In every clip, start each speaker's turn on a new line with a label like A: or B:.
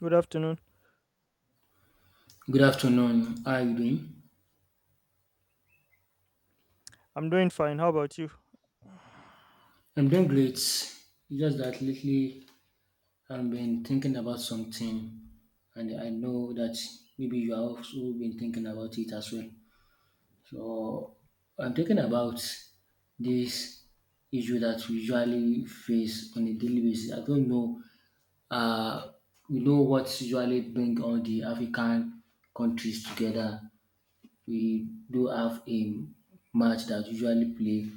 A: Good afternoon.
B: Good afternoon. How are you doing?
A: I'm doing fine. How about you?
B: I'm doing great. It's just that lately I've been thinking about something, and I know that maybe you have also been thinking about it as well. So I'm thinking about this issue that we usually face on a daily basis. I don't know. Uh, we know what usually bring all the African countries together. We do have a match that usually play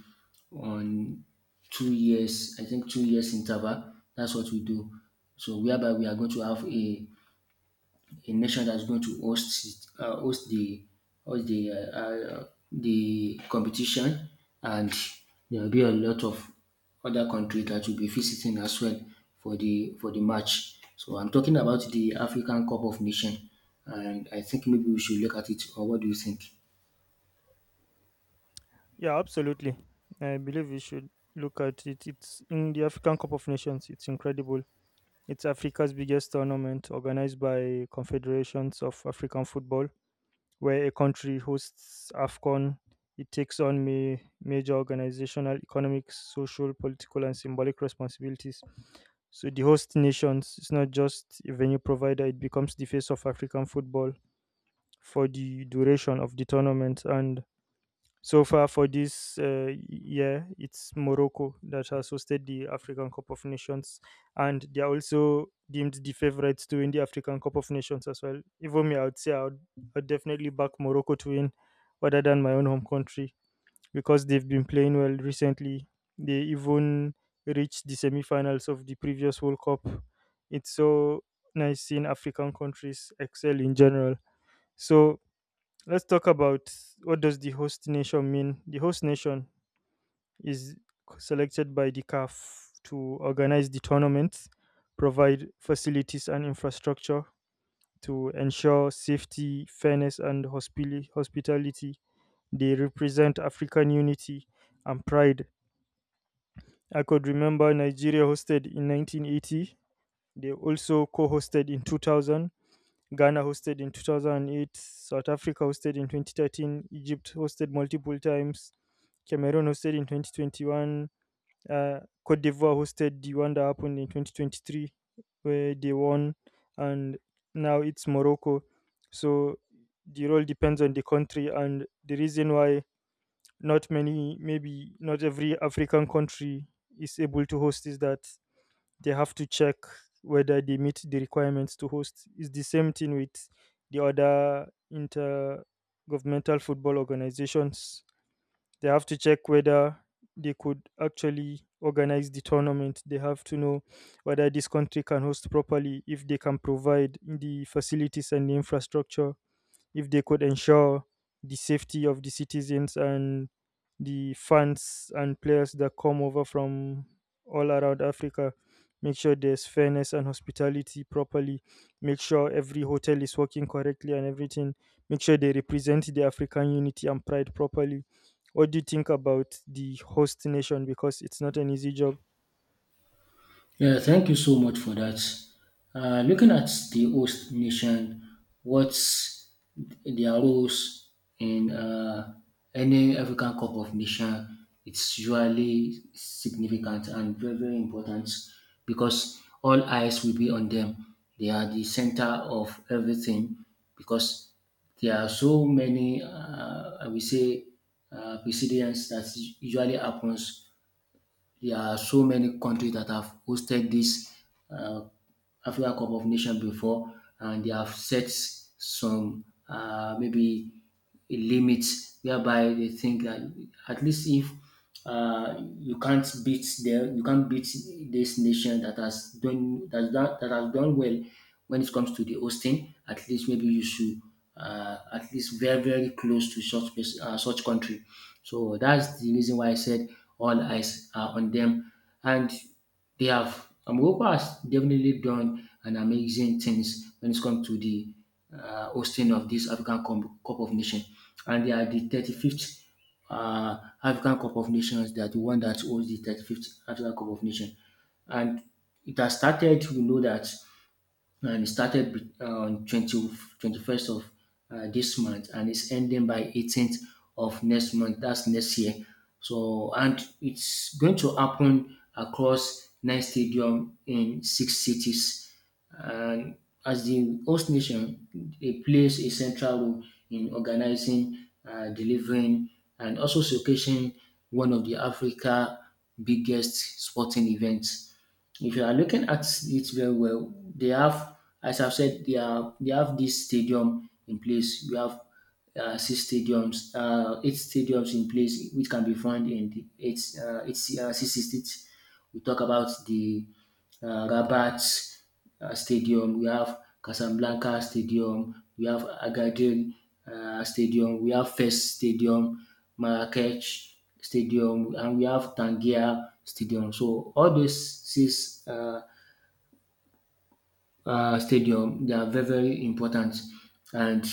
B: on 2 years, I think 2 years interval. That's what we do. So whereby we are going to have a nation that's going to host it- host the competition, and there will be a lot of other countries that will be visiting as well for the match. So I'm talking about the African Cup of Nation, and I think maybe we should look at it. Or what do you think?
A: Yeah, absolutely. I believe we should look at it. It's in the African Cup of Nations. It's incredible. It's Africa's biggest tournament organized by confederations of African football, where a country hosts AFCON. It takes on major organizational, economic, social, political, and symbolic responsibilities. So the host nations, it's not just a venue provider, it becomes the face of African football for the duration of the tournament. And so far for this year, it's Morocco that has hosted the African Cup of Nations, and they are also deemed the favorites to win the African Cup of Nations as well. Even me, I would say I would, I'd definitely back Morocco to win, rather than my own home country, because they've been playing well recently. They even reached the semi-finals of the previous World Cup. It's so nice seeing African countries excel in general. So let's talk about what does the host nation mean. The host nation is selected by the CAF to organize the tournament, provide facilities and infrastructure to ensure safety, fairness, and hospitality. They represent African unity and pride. I could remember Nigeria hosted in 1980. They also co-hosted in 2000. Ghana hosted in 2008, South Africa hosted in 2013, Egypt hosted multiple times, Cameroon hosted in 2021, Cote d'Ivoire hosted the one that happened in 2023, where they won, and now it's Morocco. So the role depends on the country, and the reason why not many, maybe not every African country is able to host, is that they have to check whether they meet the requirements to host. It's the same thing with the other intergovernmental football organizations. They have to check whether they could actually organize the tournament. They have to know whether this country can host properly, if they can provide the facilities and the infrastructure, if they could ensure the safety of the citizens and the fans and players that come over from all around Africa. Make sure there's fairness and hospitality properly. Make sure every hotel is working correctly and everything. Make sure they represent the African unity and pride properly. What do you think about the host nation? Because it's not an easy job.
B: Yeah, thank you so much for that. Looking at the host nation, what's their roles in any African Cup of Nation? It's usually significant and very, very important because all eyes will be on them. They are the center of everything because there are so many, I will say, precedents that usually happens. There are so many countries that have hosted this uh, Africa Cup of nations before, and they have set some maybe a limit whereby they think that at least if you can't beat them, you can't beat this nation that has done that, that has done well when it comes to the hosting. At least maybe you should at least very very close to such such country. So that's the reason why I said all eyes are on them, and they have Morocco has definitely done an amazing things when it comes to the hosting of this African Cup of Nations, and they are the 35th African Cup of Nations. They are the one that holds the 35th African Cup of Nations, and it has started. We know that and it started on twenty twenty first of this month, and it's ending by 18th of next month, that's next year. So and it's going to happen across 9 stadium in 6 cities. And as the host nation, it plays a central role in organizing, delivering, and also showcasing one of the Africa biggest sporting events. If you are looking at it very well, they have, as I've said, they have this stadium in place. We have 8 stadiums in place, which can be found in the eight, eight 6 states. We talk about the Rabat Stadium, we have Casablanca Stadium, we have Agadir Stadium, we have Fes Stadium, Marrakech Stadium, and we have Tangier Stadium. So all these six stadium. They are very very important, and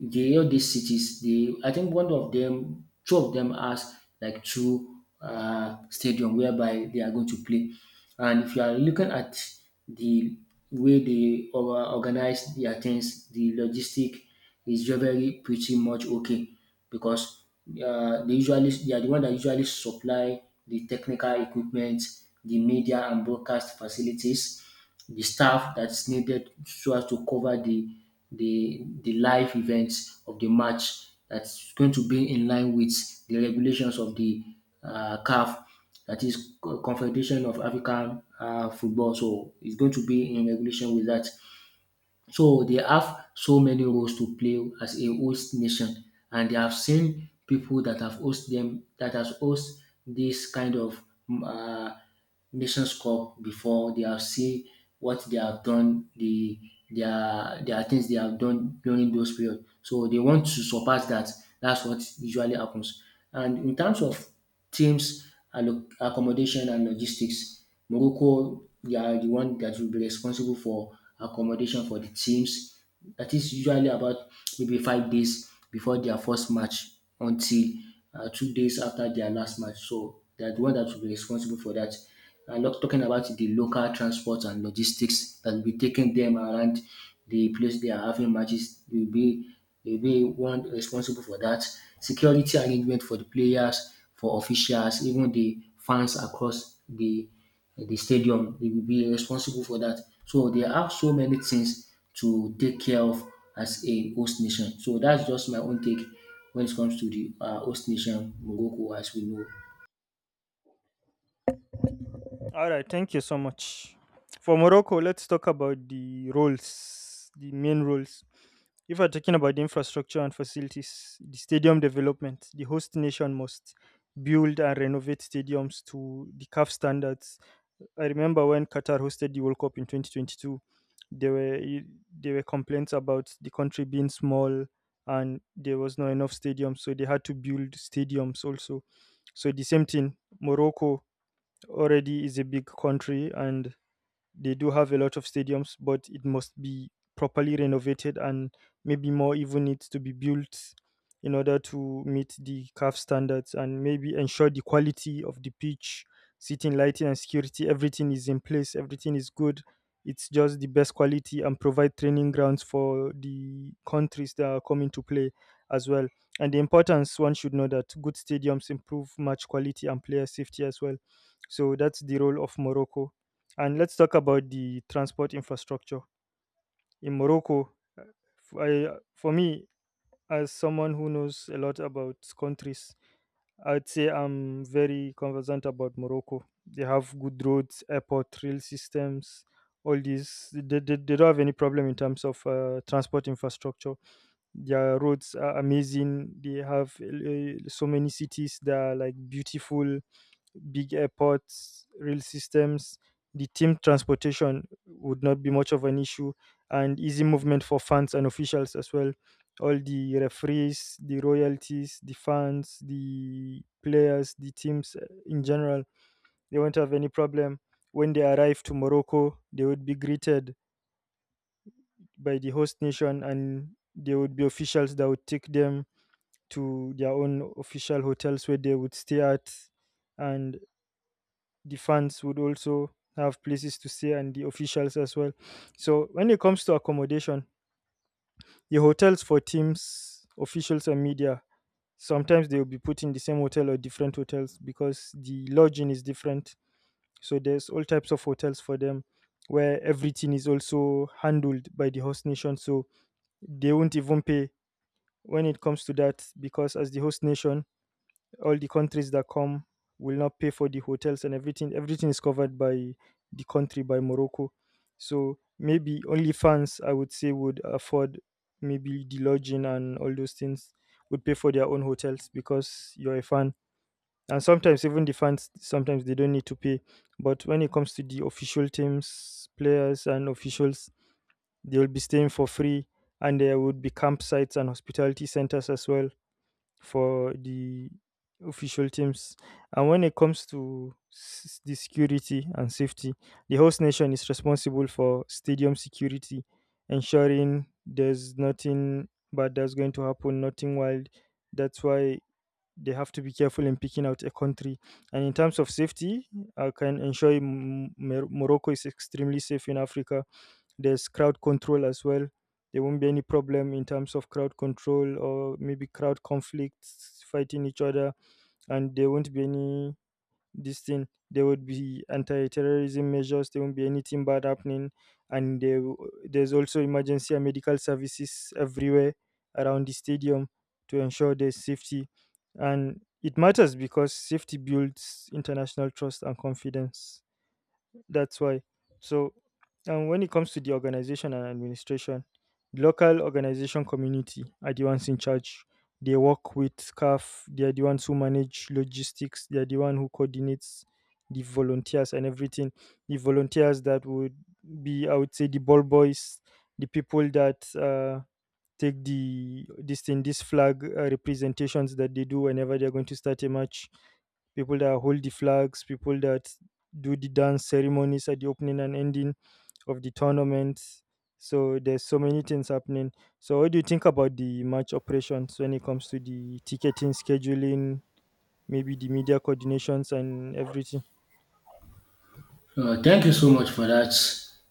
B: the all these cities, they, I think one of them, two of them has like two stadium whereby they are going to play. And if you are looking at the way they organize their things, the logistic is very very pretty much okay because they usually they are the one that usually supply the technical equipment, the media and broadcast facilities, the staff that's needed so as to cover the live events of the match, that's going to be in line with the regulations of the CAF, that is Confederation of African Football. So it's going to be in regulation with that. So they have so many roles to play as a host nation, and they have seen people that have host them, that has host this kind of mm, uh, Nations Cup before. They have seen what they have done, the their things they have done during those period. So they want to surpass that. That's what usually happens. And in terms of teams accommodation and logistics. Morocco, they are the one that will be responsible for accommodation for the teams. That is usually about maybe 5 days before their first match until 2 days after their last match. So they are the one that will be responsible for that. I'm not talking about the local transport and logistics that will be taking them around the place they are having matches. They will be, they will be one responsible for that. Security arrangement for the players, for officials, even the fans across the stadium, they will be responsible for that. So they have so many things to take care of as a host nation. So that's just my own take when it comes to the host nation, Morocco, as we know.
A: All right, thank you so much. For Morocco, let's talk about the roles, the main roles. If we're talking about the infrastructure and facilities, the stadium development, the host nation must build and renovate stadiums to the CAF standards. I remember when Qatar hosted the World Cup in 2022, there were there were complaints about the country being small, and there was not enough stadiums, so they had to build stadiums also. So the same thing, Morocco already is a big country, and they do have a lot of stadiums, but it must be properly renovated, and maybe more even needs to be built in order to meet the CAF standards, and maybe ensure the quality of the pitch, seating, lighting, and security. Everything is in place, everything is good. It's just the best quality, and provide training grounds for the countries that are coming to play as well. And the importance one should know that good stadiums improve match quality and player safety as well. So that's the role of Morocco. And let's talk about the transport infrastructure in Morocco. f- I, for me, as someone who knows a lot about countries, I'd say I'm very conversant about Morocco. They have good roads, airport, rail systems, all these. They don't have any problem in terms of transport infrastructure. Their roads are amazing. They have so many cities that are like beautiful big airports, rail systems. The team transportation would not be much of an issue, and easy movement for fans and officials as well. All the referees, the royalties, the fans, the players, the teams in general, they won't have any problem. When they arrive to Morocco, they would be greeted by the host nation, and there would be officials that would take them to their own official hotels where they would stay at, and the fans would also have places to stay, and the officials as well. So when it comes to accommodation, the hotels for teams, officials, and media, sometimes they will be put in the same hotel or different hotels because the lodging is different. So there's all types of hotels for them, where everything is also handled by the host nation. So they won't even pay when it comes to that, because as the host nation, all the countries that come will not pay for the hotels and everything. Everything is covered by the country, by Morocco. So maybe only fans, I would say, would afford maybe the lodging and all those things, would pay for their own hotels because you're a fan. And sometimes even the fans sometimes they don't need to pay. But when it comes to the official teams, players and officials, they will be staying for free, and there would be campsites and hospitality centers as well for the official teams. And when it comes to the security and safety, the host nation is responsible for stadium security, ensuring there's nothing bad that's going to happen, nothing wild. That's why they have to be careful in picking out a country. And in terms of safety, I can ensure you Morocco is extremely safe in Africa. There's crowd control as well. There won't be any problem in terms of crowd control, or maybe crowd conflicts fighting each other, and there won't be any this thing. There would be anti-terrorism measures. There won't be anything bad happening, and there's also emergency and medical services everywhere around the stadium to ensure there's safety, and it matters because safety builds international trust and confidence. That's why. So, and when it comes to the organization and administration, the local organization community are the ones in charge. They work with staff. They are the ones who manage logistics. They are the one who coordinates the volunteers and everything. The volunteers that would be, I would say, the ball boys, the people that take the this thing, this flag representations that they do whenever they are going to start a match, people that hold the flags, people that do the dance ceremonies at the opening and ending of the tournament. So there's so many things happening. So what do you think about the match operations when it comes to the ticketing, scheduling, maybe the media coordinations and everything?
B: Thank you so much for that.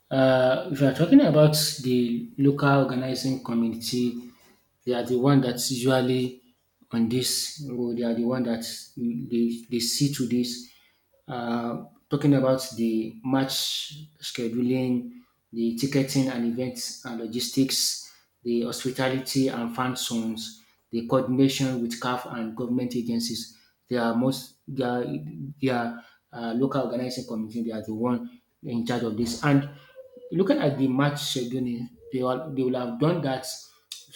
B: If you are talking about the local organizing community, they are the one that's usually on this road. They are the one that they see to this. Talking about the match scheduling, the ticketing and events and logistics, the hospitality and fan zones, the coordination with CAF and government agencies. They are most they are, they are local organizing committee. They are the one in charge of this. And looking at the match scheduling, they all they will have done that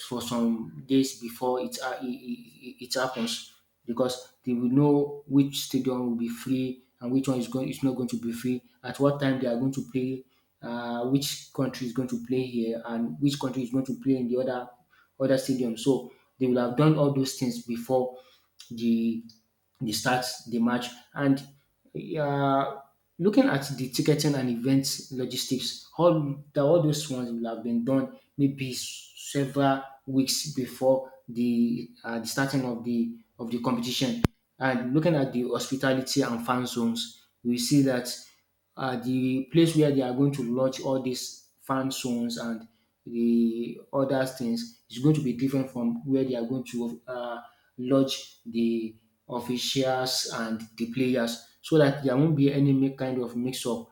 B: for some days before it, ha- it happens because they will know which stadium will be free and which one is going, is not going to be free, at what time they are going to play, which country is going to play here and which country is going to play in the other stadium. So they will have done all those things before the the start the match. And uh, looking at the ticketing and event logistics, all those ones will have been done maybe several weeks before the starting of the competition. And looking at the hospitality and fan zones, we see that the place where they are going to launch all these fan zones and the other things is going to be different from where they are going to lodge the officials and the players, so that there won't be any kind of mix up.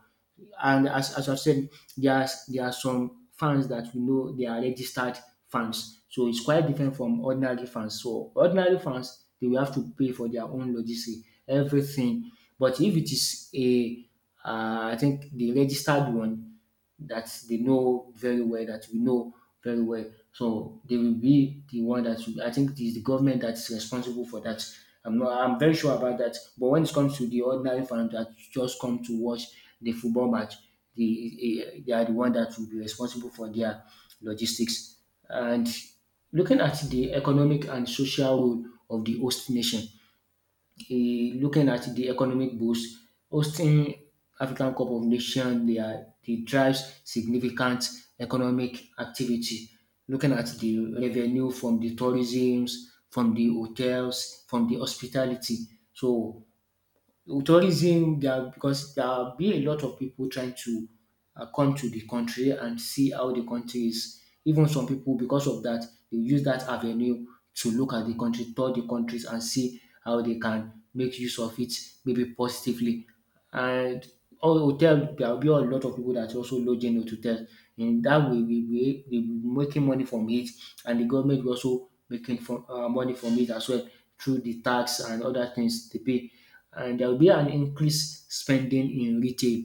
B: And as I've said, there are some fans that we know they are registered fans. So it's quite different from ordinary fans. So ordinary fans, they will have to pay for their own logistics, everything. But if it is I think the registered one, that they know very well, that we know very well. So they will be the one that will, I think it is the government that's responsible for that. I'm not, I'm very sure about that. But when it comes to the ordinary fans that just come to watch the football match, the, they are the one that will be responsible for their logistics. And looking at the economic and social role of the host nation, eh, looking at the economic boost, hosting African Cup of Nations, they are they drives significant economic activity. Looking at the revenue from the tourisms, from the hotels, from the hospitality. So tourism there because there'll be a lot of people trying to come to the country and see how the country is. Even some people, because of that, they use that avenue to look at the country, tour the countries, and see how they can make use of it, maybe positively. And all hotel, there will be a lot of people that also lodging in hotels. In that way, we will be making money from it, and the government will also making money from it as well through the tax and other things they pay. And there will be an increased spending in retail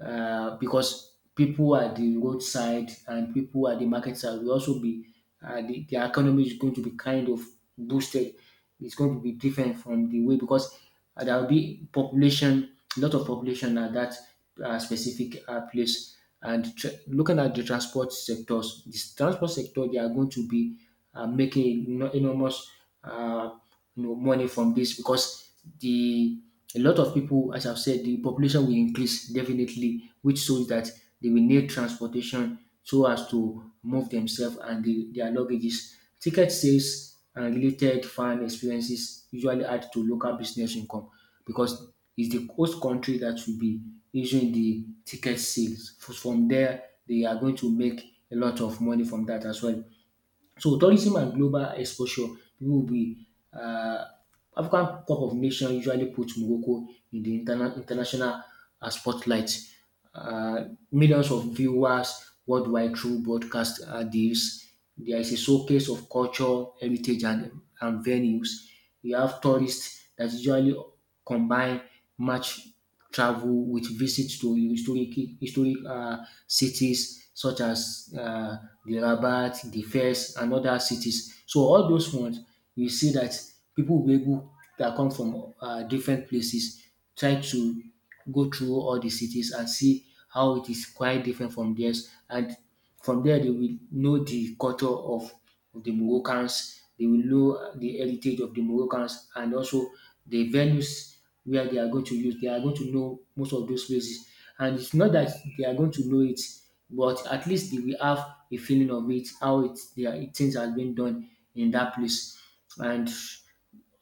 B: because people at the roadside and people at the market side will also be the economy is going to be kind of boosted. It's going to be different from the way because there will be population, a lot of population at that specific place. And looking at the transport sectors, this transport sector they are going to be enormous uh, money from this because the a lot of people, as I've said, the population will increase definitely, which shows that they will need transportation so as to move themselves and the, their luggages. Ticket sales and related fan experiences usually add to local business income because it's the host country that will be issuing the ticket sales. From there, they are going to make a lot of money from that as well. So tourism and global exposure, people will be um African Cup of Nations usually put Morocco in the de international spotlight. Millions of viewers worldwide through broadcast deals. There is a showcase of culture, heritage and venues. You have tourists that usually combine match travel with visits to historic cities such as the Rabat, the Fes, and other cities. So all those ones, we see that people will be able that come from different places try to go through all the cities and see how it is quite different from theirs. And from there, they will know the culture of the Moroccans, they will know the heritage of the Moroccans, and also the venues where they are going to use. They are going to know most of those places. And it's not that they are going to know it, but at least they will have a feeling of it, how it, they are, things are been done in that place. And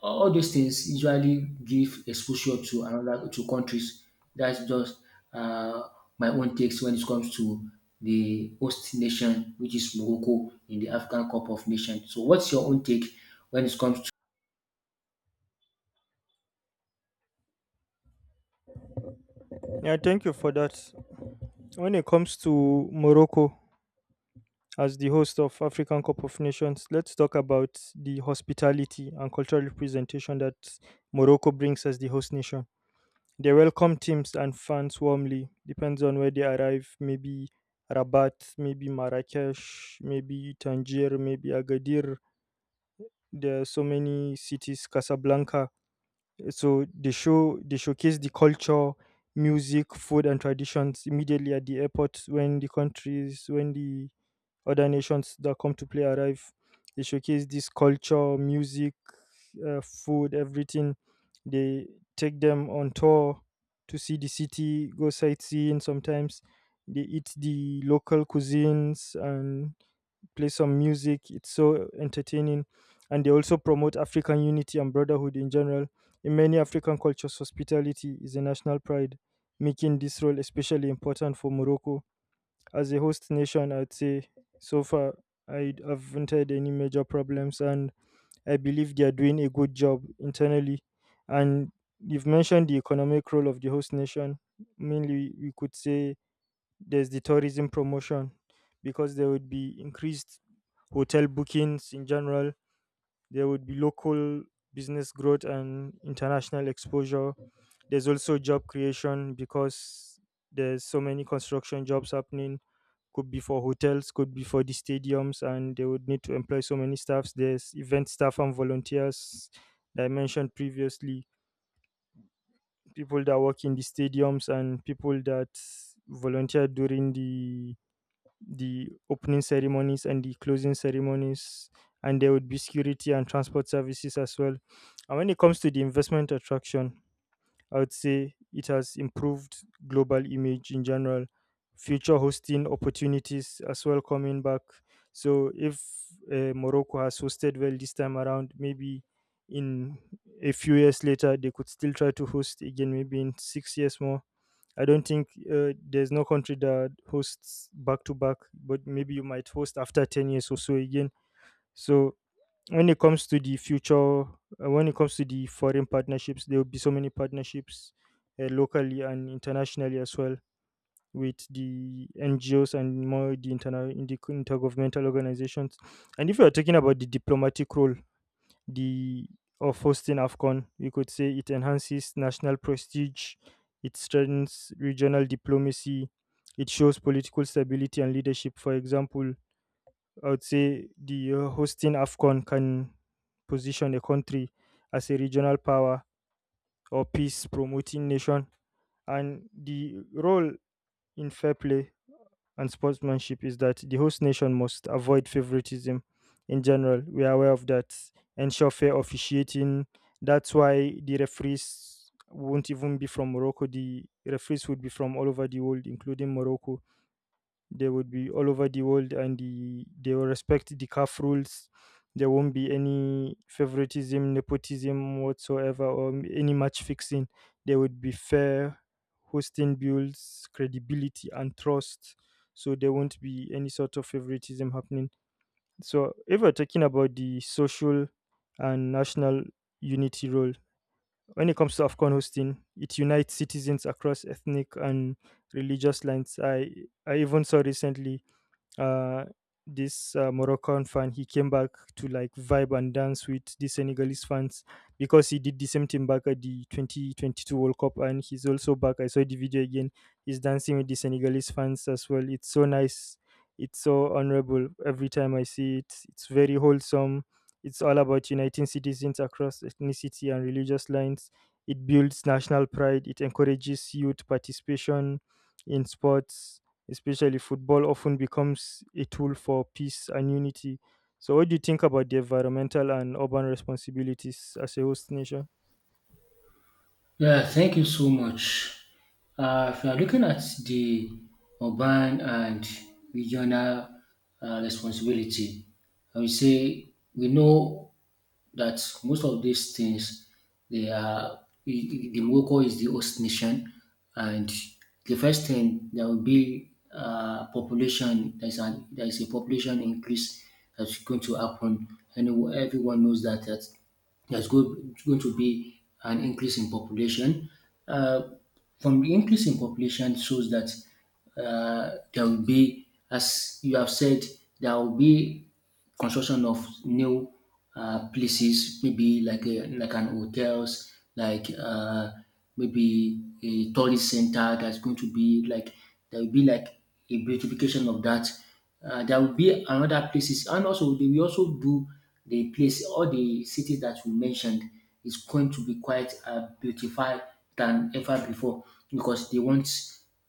B: all those things usually give exposure to another to countries. That's just uh, my own takes when it comes to the host nation, which is Morocco in the African Cup of Nations. So, what's your own take when it comes.
A: Yeah, thank you for that. When it comes to Morocco as the host of African Cup of Nations, let's talk about the hospitality and cultural representation that Morocco brings as the host nation. They welcome teams and fans warmly, depends on where they arrive. Maybe Rabat, maybe Marrakesh, maybe Tangier, maybe Agadir. There are so many cities, Casablanca. So they show they showcase the culture, music, food, and traditions immediately at the airport when the countries when the other nations that come to play arrive. They showcase this culture, music, food, everything. They take them on tour to see the city, go sightseeing sometimes. They eat the local cuisines and play some music. It's so entertaining. And they also promote African unity and brotherhood in general. In many African cultures, hospitality is a national pride, making this role especially important for Morocco. As a host nation, I'd say so far I haven't had any major problems, and I believe they are doing a good job internally. And you've mentioned the economic role of the host nation. Mainly, we could say there's the tourism promotion, because there would be increased hotel bookings in general. There would be local business growth and international exposure. There's also job creation, because there's so many construction jobs happening. Could be for hotels, could be for the stadiums, and they would need to employ so many staffs. There's event staff and volunteers that I mentioned previously, people that work in the stadiums and people that volunteer during the opening ceremonies and the closing ceremonies, and there would be security and transport services as well. And when it comes to the investment attraction, I would say it has improved global image in general, future hosting opportunities as well, coming back. So if Morocco has hosted well this time around, maybe in a few years later they could still try to host again, maybe in 6 years more. I don't think there's no country that hosts back to back, but maybe you might host after 10 years or so again. So when it comes to the future, when it comes to the foreign partnerships, there will be so many partnerships locally and internationally as well, with the NGOs and in the intergovernmental organizations. And if you're talking about the diplomatic role, the of hosting AFCON. You could say it enhances national prestige, it strengthens regional diplomacy, it shows political stability and leadership. For example, I would say the hosting AFCON can position a country as a regional power or peace promoting nation. And the role in fair play and sportsmanship is that the host nation must avoid favoritism in general. We are aware of that. Ensure fair officiating. That's why the referees won't even be from Morocco. The referees would be from all over the world, including Morocco. They would be all over the world and they will respect the CAF rules. There won't be any favoritism, nepotism whatsoever, or any match fixing. There would be fair hosting builds credibility and trust. So there won't be any sort of favoritism happening. So if we're talking about the social and national unity role, when it comes to AFCON hosting, it unites citizens across ethnic and religious lines. I even saw recently uh, this Moroccan fan, he came back to like vibe and dance with the Senegalese fans because he did the same thing back at the 2022 World Cup, and he's also back. I saw the video again. He's dancing with the Senegalese fans as well. It's so nice. It's so honorable every time I see it. It's very wholesome. It's all about uniting citizens across ethnicity and religious lines. It builds national pride. It encourages youth participation in sports, especially football, often becomes a tool for peace and unity. So, what do you think about the environmental and urban responsibilities as a host nation?
B: Yeah, thank you so much. If you are looking at the urban and regional responsibility, I would say we know that most of these things they are the Morocco is the host nation, and the first thing there will be population. There is a population increase that's going to happen, and everyone knows that there's go- going to be an increase in population. Uh, from the increase in population shows that there will be, as you have said, there will be construction of new places, maybe like a, like an hotels, like maybe a tourist center that's going to be like there will be like a beautification of that. There will be another places, and also they will also do the place all the cities that we mentioned is going to be quite beautified than ever before because they want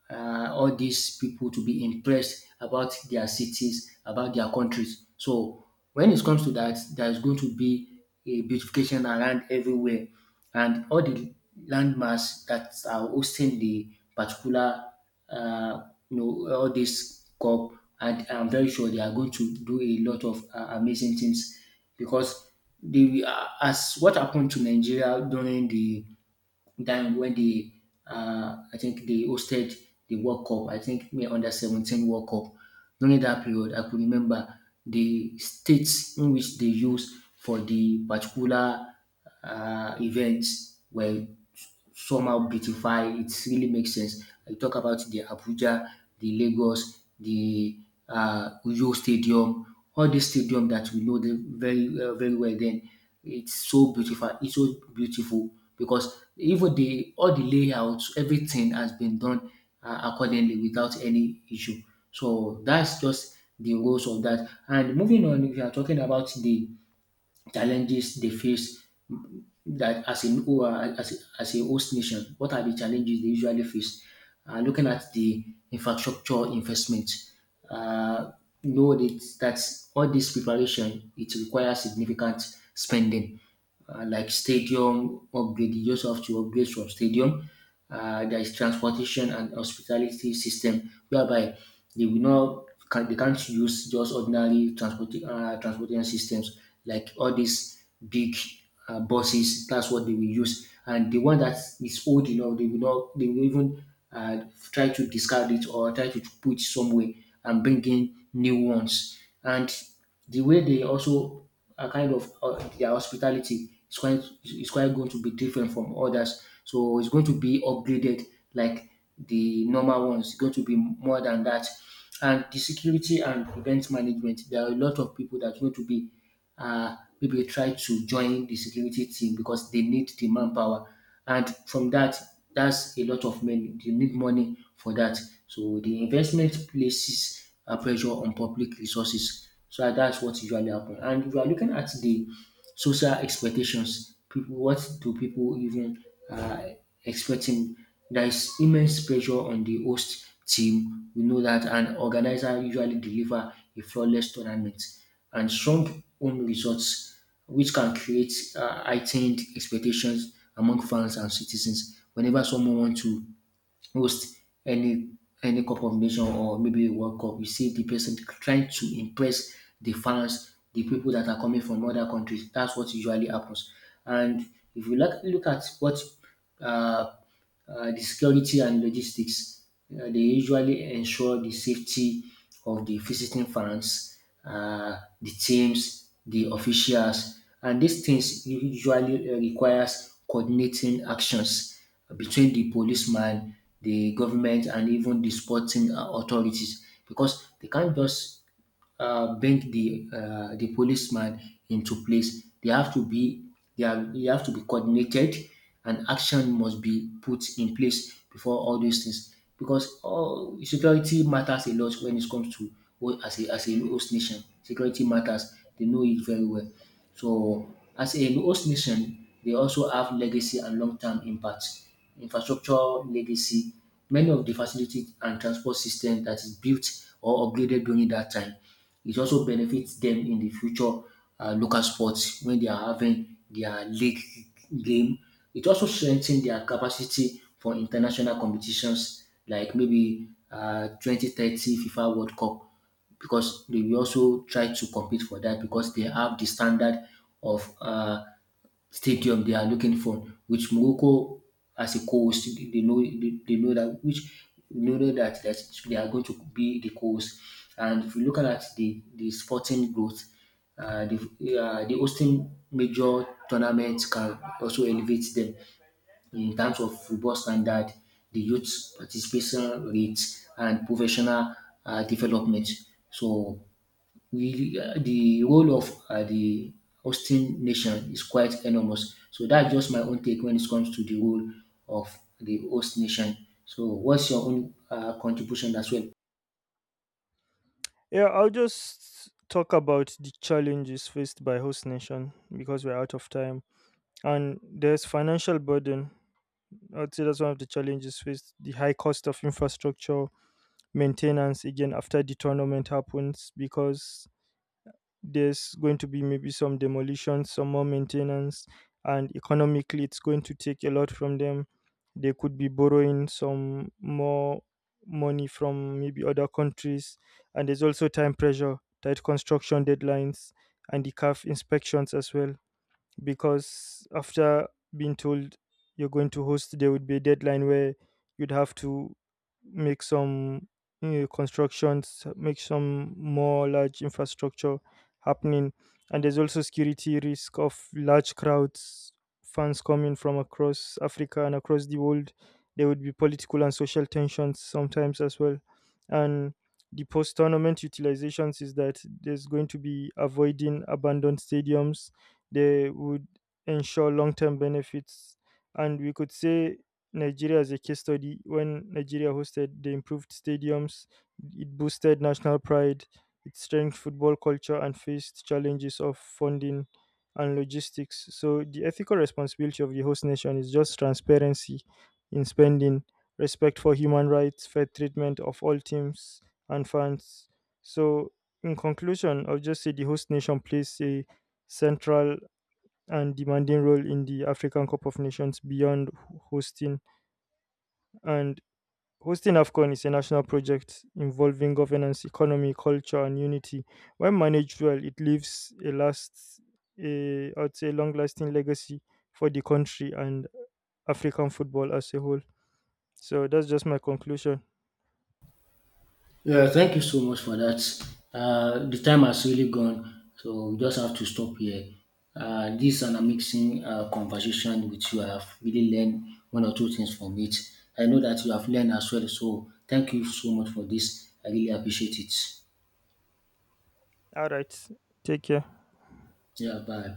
B: all these people to be impressed about their cities, about their countries. So when it comes to that, there's going to be a beautification around everywhere, and all the landmass that are hosting the particular, uh, you know, all this cup, and I'm very sure they are going to do a lot of amazing things because the as what happened to Nigeria during the time when I think they hosted the World Cup. I think me under 17 World Cup. During that period, I could remember the states in which they used for the particular events were somehow beautify. It really makes sense. I talk about the Abuja, the Lagos, the Uyo Stadium, all these stadium that we know them very very well. Then it's so beautiful. It's so beautiful because even the all the layouts, everything has been done accordingly without any issue. So that's just the roles of that. And moving on, we are talking about the challenges they face that as a host nation, what are the challenges they usually face? Looking at the infrastructure investment, uh, know that, that all this preparation it requires significant spending, like stadium upgrade. You just have to upgrade from stadium. There is transportation and hospitality system whereby they will not can, they can't use just ordinary transportation systems like all these big buses. That's what they will use, and the one that is old enough, they will not, they will even uh, try to discard it or try to put it somewhere and bring in new ones. And the way they also are kind of their hospitality is quite going to be different from others. So it's going to be upgraded like the normal ones. It's going to be more than that. And the security and event management, there are a lot of people that are going to be maybe try to join the security team because they need the manpower. And from that, that's a lot of money. They need money for that. So the investment places a pressure on public resources. So that's what usually happen. And if you are looking at the social expectations, people, what do people even uh, expecting? There is immense pressure on the host team. We know that, and organizer usually deliver a flawless tournament and some own results, which can create heightened expectations among fans and citizens. Whenever someone wants to host any any cup combination or maybe a World Cup, you see the person trying to impress the fans, the people that are coming from other countries. That's what usually happens. And if you look at what uh, the security and logistics. They usually ensure the safety of the visiting fans, the teams, the officials, and these things usually requires coordinating actions between the policeman, the government, and even the sporting authorities because they can't just bend the policeman into place. They have to be they have to be coordinated, and action must be put in place before all these things. Because all security matters a lot when it comes to as a host nation. Security matters. They know it very well. So as a host nation, they also have legacy and long term impact. Infrastructure legacy many of the facilities and transport system that is built or upgraded during that time. It also benefit dem in de future local sports wen dey are having their league game. It also strengthen their capacity for international competitions like maybe 2030 FIFA World Cup because dey will also try to compete for dat because dey have de standard of stadium they are looking for, which Morocco as a co-host, they know they know that which they know that, that they are going to be the co-host. And if you look at the sporting growth, uh, the the hosting major tournaments can also elevate them in terms of football standard, the youth participation rates, and professional development. So we the role of the hosting nation is quite enormous. So that's just my own take when it comes to the role of the host nation. So what's your own contribution as well?
A: Yeah, I'll just talk about the challenges faced by host nation because we're out of time. And there's financial burden. I'd say that's one of the challenges faced: the high cost of infrastructure maintenance again after the tournament happens, because there's going to be maybe some demolition, some more maintenance, and economically it's going to take a lot from them. They could be borrowing some more money from maybe other countries, and there's also time pressure, tight construction deadlines, and the calf inspections as well because after being told you're going to host, there would be a deadline where you'd have to make some constructions, make some more large infrastructure happening. And there's also security risk of large crowds, fans coming from across Africa and across the world. There would be political and social tensions sometimes as well. And the post tournament utilizations is that there's going to be avoiding abandoned stadiums, they would ensure long term benefits. And we could say Nigeria as a case study. When Nigeria hosted, they improved stadiums, it boosted national pride, it strengthened football culture, and faced challenges of funding and logistics. So the ethical responsibility of the host nation is just transparency in spending, respect for human rights, fair treatment of all teams and fans. So in conclusion, I'll just say the host nation plays a central and demanding role in the African Cup of Nations beyond hosting. And hosting AFCON is a national project involving governance, economy, culture, and unity. When managed well, it leaves a I'd say, long-lasting legacy for the country and African football as a whole. So that's just my conclusion.
B: Yeah, thank you so much for that. The time has really gone, so we just have to stop here. This and an amazing conversation with you. I have really learned one or two things from it. I know that you have learned as well. So thank you so much for this. I really appreciate it.
A: All right, take care.
B: Yeah, bye.